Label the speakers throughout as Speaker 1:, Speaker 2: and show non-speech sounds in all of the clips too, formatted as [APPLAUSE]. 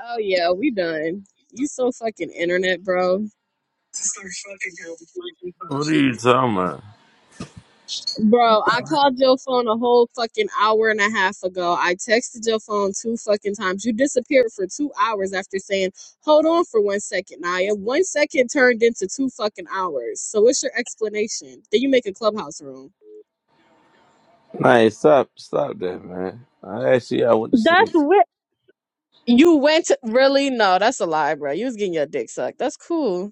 Speaker 1: Oh yeah, we done. You so fucking internet, bro.
Speaker 2: What are you talking about?
Speaker 1: Bro, I called your phone a whole fucking hour and a half ago. I texted your phone two fucking times. You disappeared for two hours after saying, hold on for one second, Naya. One second turned into two fucking hours. So what's your explanation? Then you make a clubhouse room.
Speaker 2: Nah, stop, stop that, man. I actually, I went to
Speaker 1: That's
Speaker 2: sleep.
Speaker 1: weird. You went to, really? No, that's a lie, bro. You was getting your dick sucked. That's cool.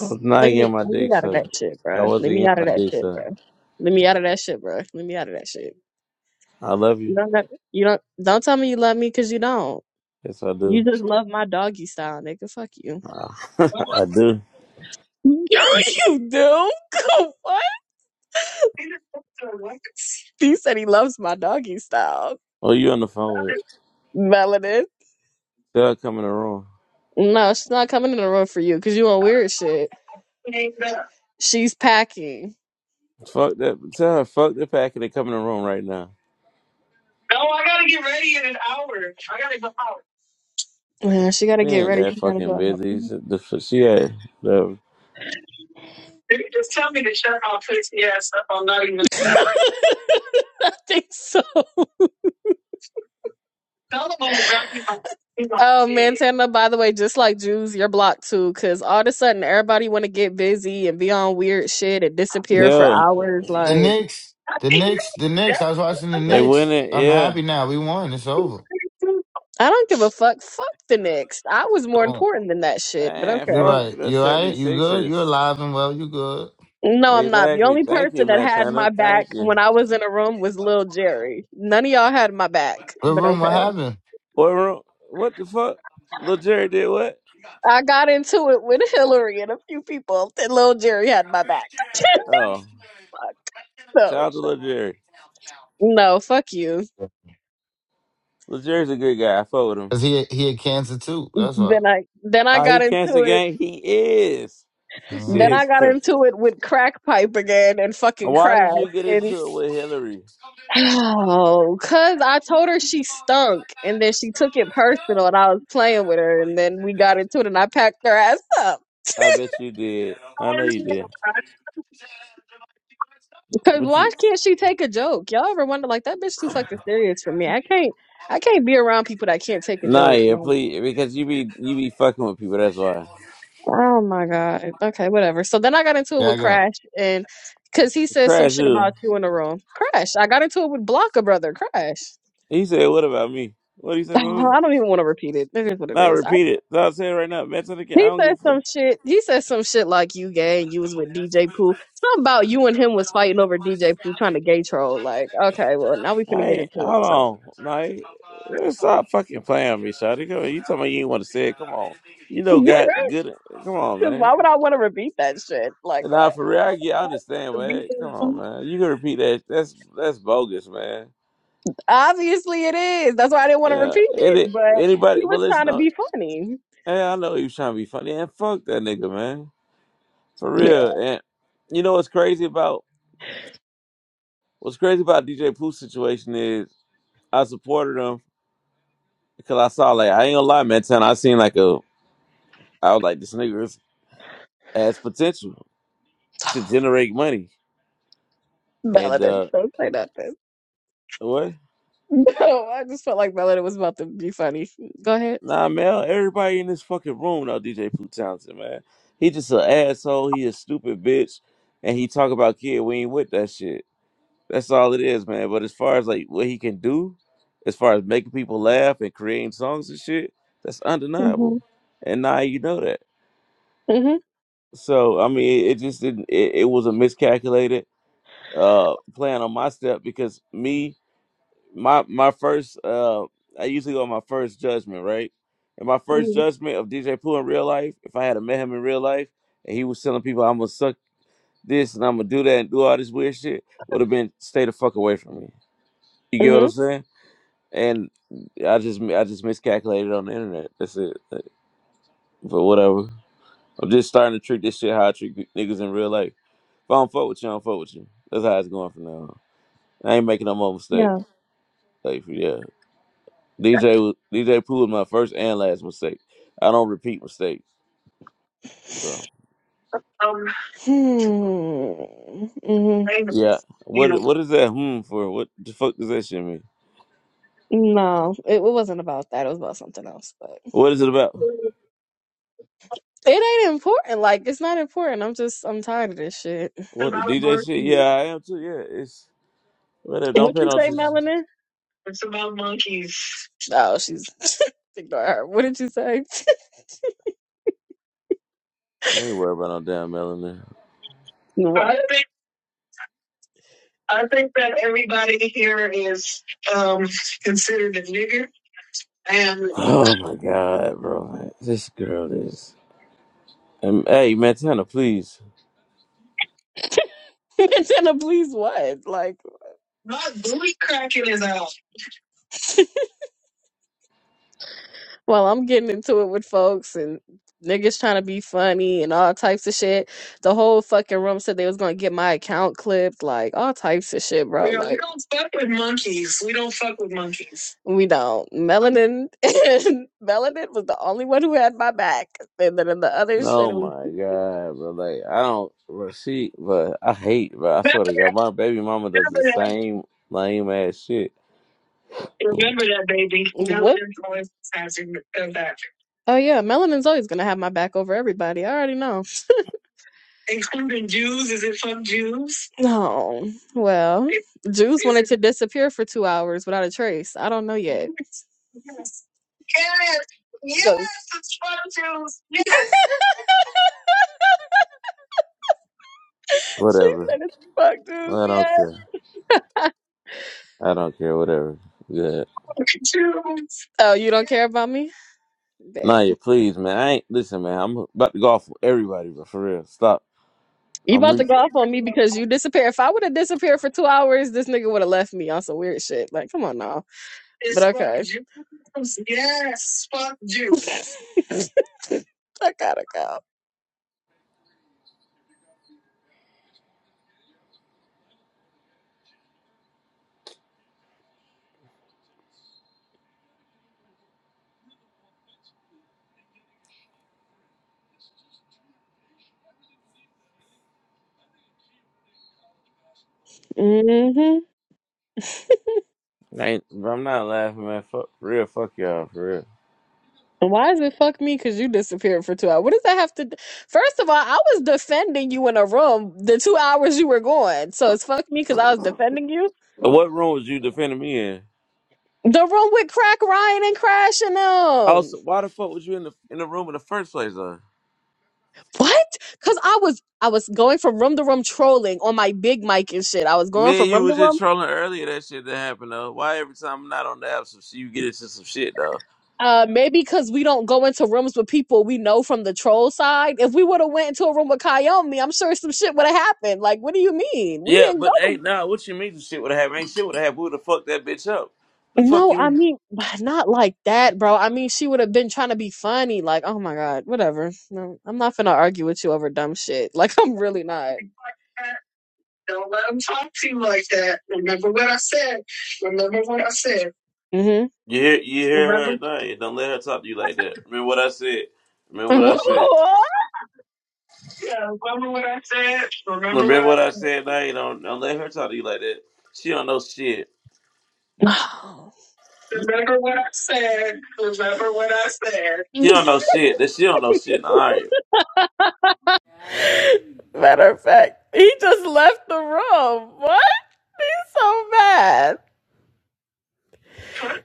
Speaker 2: I was not
Speaker 1: let me
Speaker 2: getting my
Speaker 1: let me
Speaker 2: dick
Speaker 1: out of that
Speaker 2: sucked.
Speaker 1: shit,
Speaker 2: I
Speaker 1: bro.
Speaker 2: wasn't
Speaker 1: Let me
Speaker 2: getting
Speaker 1: out of
Speaker 2: my
Speaker 1: that
Speaker 2: dick
Speaker 1: shit, bro.
Speaker 2: sucked.
Speaker 1: Let me out of that shit, bro. Let me out of that shit.
Speaker 2: I love
Speaker 1: You
Speaker 2: you.
Speaker 1: don't got- you don't don't tell me you love me because you don't.
Speaker 2: Yes, I
Speaker 1: You
Speaker 2: do.
Speaker 1: just love my doggy style, nigga. Fuck you.
Speaker 2: Ah, [LAUGHS] I do.
Speaker 1: [LAUGHS] you do? [LAUGHS] what? He said he loves my doggy style.
Speaker 2: Oh, you on the phone with?
Speaker 1: Melanin.
Speaker 2: Tell her come in the room.
Speaker 1: No, she's not coming in the room for you because you on weird shit. [LAUGHS] She's packing.
Speaker 2: Fuck that. Tell her fuck the packet and come in the room right now.
Speaker 1: No, I gotta get ready in an hour. I gotta go out. Yeah, she gotta
Speaker 2: She
Speaker 1: get
Speaker 2: ain't
Speaker 1: ready.
Speaker 2: that
Speaker 1: She gotta
Speaker 2: fucking
Speaker 1: go out.
Speaker 2: busy. She the- she had the
Speaker 1: They Just tell me to shut my pussy ass up. I'm not even [LAUGHS] I think so. Tell them I'm about to be my Oh man, kid. Tana, by the way, just like Jews, you're blocked too, because all of a sudden everybody wanna get busy and be on weird shit and disappear for
Speaker 2: yeah.
Speaker 1: hours.
Speaker 3: The
Speaker 1: Like
Speaker 3: Knicks,
Speaker 1: I
Speaker 3: the
Speaker 1: think
Speaker 3: Knicks, the
Speaker 1: that's
Speaker 3: Knicks. I was watching the
Speaker 2: They
Speaker 3: Knicks.
Speaker 2: winning.
Speaker 3: I'm
Speaker 2: Yeah.
Speaker 3: happy now. We won. It's over.
Speaker 1: I don't give a fuck. Fuck the next. I was more
Speaker 3: So,
Speaker 1: important than that shit, but
Speaker 2: Man,
Speaker 1: okay.
Speaker 3: you're
Speaker 2: fuck
Speaker 3: right.
Speaker 2: the
Speaker 3: You right. You good? You're
Speaker 2: 76ers.
Speaker 3: alive and well. You good?
Speaker 1: No, I'm not. The
Speaker 2: Exactly.
Speaker 1: only
Speaker 2: Thank you,
Speaker 1: person that had my
Speaker 2: Montana. Thank
Speaker 1: back
Speaker 2: you.
Speaker 1: when I was in a room was Lil Jerry. None of y'all had my back,
Speaker 3: What
Speaker 1: but
Speaker 3: room? What
Speaker 1: okay.
Speaker 3: happened?
Speaker 2: Boy, what the fuck? Lil Jerry did what?
Speaker 1: I got into it with Hillary and a few people, and Lil Jerry had my back. [LAUGHS]
Speaker 2: Oh,
Speaker 1: Fuck.
Speaker 2: shout
Speaker 1: No,
Speaker 2: out to
Speaker 1: shit.
Speaker 2: Lil Jerry.
Speaker 1: no, fuck you.
Speaker 2: Lil Jerry's a good guy. I fuck with him.
Speaker 3: Cause he he had cancer too. That's why.
Speaker 1: Then I, then I
Speaker 2: Oh, he
Speaker 1: got into
Speaker 2: canceled
Speaker 1: it.
Speaker 2: gang. He is. This shit
Speaker 1: Then
Speaker 3: Mhm.
Speaker 1: I
Speaker 2: is.
Speaker 1: got
Speaker 2: crazy.
Speaker 1: into it with crack pipe again and fucking
Speaker 2: Why did
Speaker 1: crash
Speaker 2: you get
Speaker 1: and.
Speaker 2: into
Speaker 1: [SIGHS]
Speaker 2: it with Hillary?
Speaker 1: Oh, cause I told her she stunk, and then she took it personal, and I was playing with her, and then we got into it, and I packed her ass up.
Speaker 2: I bet you did. I know you did.
Speaker 1: Cause
Speaker 2: But
Speaker 1: why
Speaker 2: you,
Speaker 1: can't she take a joke? Y'all ever wonder like that bitch too fucking serious for me? I can't I can't be around people that can't take a
Speaker 2: nah,
Speaker 1: joke.
Speaker 2: yeah,
Speaker 1: Like,
Speaker 2: please, because you be you be fucking with people. That's why.
Speaker 1: oh my god. Okay, whatever. So then I got into it
Speaker 3: Yeah, I
Speaker 1: with
Speaker 3: go.
Speaker 1: Crash and cause he said some
Speaker 2: Crash
Speaker 1: shit
Speaker 2: you.
Speaker 1: about you in the room. Crash. I got into it with Blocker brother, Crash.
Speaker 2: He said, "What about me? What do you
Speaker 1: [LAUGHS]
Speaker 2: say about me?"
Speaker 1: I don't even want to repeat it. It is what it
Speaker 2: Nah,
Speaker 1: is. I,
Speaker 2: repeat it. Nah, say it right now. Mention again. I
Speaker 1: he
Speaker 2: don't give a
Speaker 1: said
Speaker 2: fuck.
Speaker 1: some shit. He said some shit like you gay and you was with DJ Pooh. Something about you and him was fighting over DJ Pooh trying to gay troll. Like, okay, well now we finna get
Speaker 2: Hey,
Speaker 1: into
Speaker 2: hold
Speaker 1: it. So
Speaker 2: on. Like, stop fucking playing with me, Shotty. Come on, you talking about you ain't want to say it. Come on. You know, got
Speaker 1: [LAUGHS]
Speaker 2: good. Come on,
Speaker 1: Because
Speaker 2: man.
Speaker 1: why would I want to repeat that shit? Like
Speaker 2: And now
Speaker 1: what?
Speaker 2: for real, I get, I understand, man. Come on, man. You can repeat that. That's that's bogus, man.
Speaker 1: Obviously it is. That's why I didn't want to
Speaker 2: Yeah.
Speaker 1: repeat it.
Speaker 2: Any,
Speaker 1: But he
Speaker 2: anybody,
Speaker 1: was
Speaker 2: but listen,
Speaker 1: trying to
Speaker 2: no,
Speaker 1: be funny.
Speaker 2: hey, I know he was trying to be funny. And fuck that nigga, man. For
Speaker 1: Yeah.
Speaker 2: real. And you know what's crazy about, what's crazy about DJ Pooh's situation is I supported him because I saw, like, I ain't gonna lie, man, Tan, I seen like a, I was like, this nigga is as potential to generate money. And
Speaker 1: Melody,
Speaker 2: uh
Speaker 1: Don't say nothing. [LAUGHS]
Speaker 2: what?
Speaker 1: No, I just felt like Melody was about to be funny. Go ahead.
Speaker 2: Nah, man, everybody in this fucking room know DJ Pooh Townsend, man. He just an asshole, he a stupid bitch, and he talk about kid, we ain't with that shit. That's all it is, man. But as far as like what he can do, as far as making people laugh and creating songs and shit, that's
Speaker 1: hmm
Speaker 2: undeniable. And now you know that.
Speaker 1: hmm
Speaker 2: So I mean it, it just didn't it, it was a miscalculated uh plan on my step because me my my first uh I usually go on my first judgment, right? And my first
Speaker 1: hmm
Speaker 2: judgment of DJ Pooh in real life, if I had a met him in real life and he was telling people I'm gonna suck this and I'm gonna do that and do all this weird shit, would have been stay the fuck away from me. You get what
Speaker 1: hmm
Speaker 2: I'm saying? And I just I just miscalculated on the internet. That's it. Like, But whatever. I'm just starting to treat this shit how I treat niggas in real life. If I don't fuck with you, I don't fuck with you. That's how it's going from now on. I ain't making no more mistake.
Speaker 1: Yeah.
Speaker 2: Like yeah. DJ was- DJ Pooh was my first and last mistake. I don't repeat mistakes. So
Speaker 1: Um. Hmm. hmm
Speaker 2: yeah, what what is that hmm for? What the fuck does that shit mean?
Speaker 1: No, it, it wasn't about that. It was about something else. But
Speaker 2: What is it about?
Speaker 1: It ain't important. Like it's not important. I'm just I'm tired of this shit. It's
Speaker 2: What the
Speaker 1: about
Speaker 2: DJ shit? Yeah,
Speaker 1: monkeys.
Speaker 2: I am too. Yeah, it's whatever. Don't
Speaker 1: What
Speaker 2: pay
Speaker 1: you
Speaker 2: no
Speaker 1: say,
Speaker 2: attention.
Speaker 1: Melanin? It's about monkeys. Oh, she's [LAUGHS] ignore her. What did you say? [LAUGHS]
Speaker 2: I ain't worried about no damn melanin.
Speaker 1: What? I think I think that everybody here is um considered a nigger and
Speaker 2: Oh my god, bro, this girl is. Um, hey, Montana, please.
Speaker 1: [LAUGHS] Jenna, please what? Like my booty cracking is out. Well, I'm getting into it with folks and niggas trying to be funny and all types of shit. The whole fucking room said they was gonna get my account clipped, like all types of shit, bro. Yeah, we Like don't fuck with monkeys. We don't fuck with monkeys. we don't. Melanin [LAUGHS] and Melanin was the only one who had my back. And then in the other shit
Speaker 2: Oh
Speaker 1: it was
Speaker 2: my god, bro, like I don't. Bro, she, but I hate, but I
Speaker 1: Remember
Speaker 2: swear to God, my baby mama does the
Speaker 1: remember that,
Speaker 2: same lame ass shit.
Speaker 1: remember that baby. what? Melanin's always has your your back. Oh yeah, Melanin's always gonna have my back over everybody. I already know. Including Jews, is it fuck Jews? No. Well, [LAUGHS] Jews wanted to disappear for two hours without a trace. I don't know yet. Yes, yes, yes, So it's fuck Jews. Yes, [LAUGHS] she
Speaker 2: Whatever.
Speaker 1: said it's fuck Jews,
Speaker 2: I don't
Speaker 1: yes.
Speaker 2: care. I don't care. Whatever. Yeah.
Speaker 1: fuck Jews. Oh, you don't care about me? Bet.
Speaker 2: Nah, you please, man. I ain't listen, man. I'm about to go off with everybody, but for real, stop.
Speaker 1: You
Speaker 2: I'm.
Speaker 1: about
Speaker 2: Re-
Speaker 1: to go off on me because you disappeared. If I would have disappeared for two hours, this nigga would have left me on some weird shit. Like, come on now. It's But fuck okay. Jews. Yes, fuck Jews. [LAUGHS] I gotta go. hmm [LAUGHS]
Speaker 2: I ain't, bro, I'm not laughing, man. Fuck, for real. Fuck y'all, for real.
Speaker 1: Why is it fuck me? Because you disappeared for two hours. What does that have to? d- First of all, I was defending you in a room the two hours you were gone. So it's fuck me because I was defending you.
Speaker 2: But what room was you defending me in?
Speaker 1: The room with Crack Ryan and crashing them.
Speaker 2: Also, why the fuck was you in the in the room in the first place, though?
Speaker 1: What? Because I was I was going from room to room trolling on my big mic and shit. I was going
Speaker 2: Me
Speaker 1: from
Speaker 2: and you
Speaker 1: room to
Speaker 2: was just
Speaker 1: room.
Speaker 2: trolling earlier. That shit that happened though. Why every time I'm not on the app, some shit, you get into some shit though.
Speaker 1: Uh, maybe because we don't go into rooms with people we know from the troll side. If we would have went into a room with Kayomi, I'm sure some shit would have happened. Like, what do you mean? We
Speaker 2: Yeah,
Speaker 1: didn't
Speaker 2: but
Speaker 1: go
Speaker 2: ain't nah. What you mean? The shit would have happened. Ain't shit would have happened. Who the fuck that bitch up? The fuck
Speaker 1: No,
Speaker 2: you?
Speaker 1: I
Speaker 2: mean?
Speaker 1: mean, [SIGHS] not like that, bro. I mean, she would have been trying to be funny. Like, oh my God, whatever. No, I'm not finna argue with you over dumb shit. [LAUGHS] Like, I'm really not. Don't let them talk to you like that. Remember what I said. Remember what I said. hmm
Speaker 2: You hear, you hear her
Speaker 1: Remember.
Speaker 2: at night. Don't let her talk to you like that. Remember what I said. Remember what I
Speaker 1: [LAUGHS]
Speaker 2: said.
Speaker 1: Yeah, remember what I said. Remember what
Speaker 2: Remember what
Speaker 1: I
Speaker 2: I said at night. Don't, don't let her talk to you like that. She don't know shit.
Speaker 1: What? [SIGHS] remember what I said. Remember what I
Speaker 2: She don't
Speaker 1: said.
Speaker 2: know shit. That she don't know shit. All right.
Speaker 1: [LAUGHS] Matter of fact, he just left the room. What? So mad.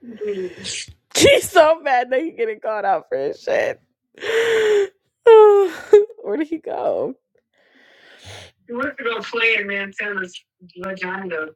Speaker 1: [LAUGHS] She's so mad that he getting called out for his shit. [SIGHS] Where did he go? He wants to go play in Montana's vagina.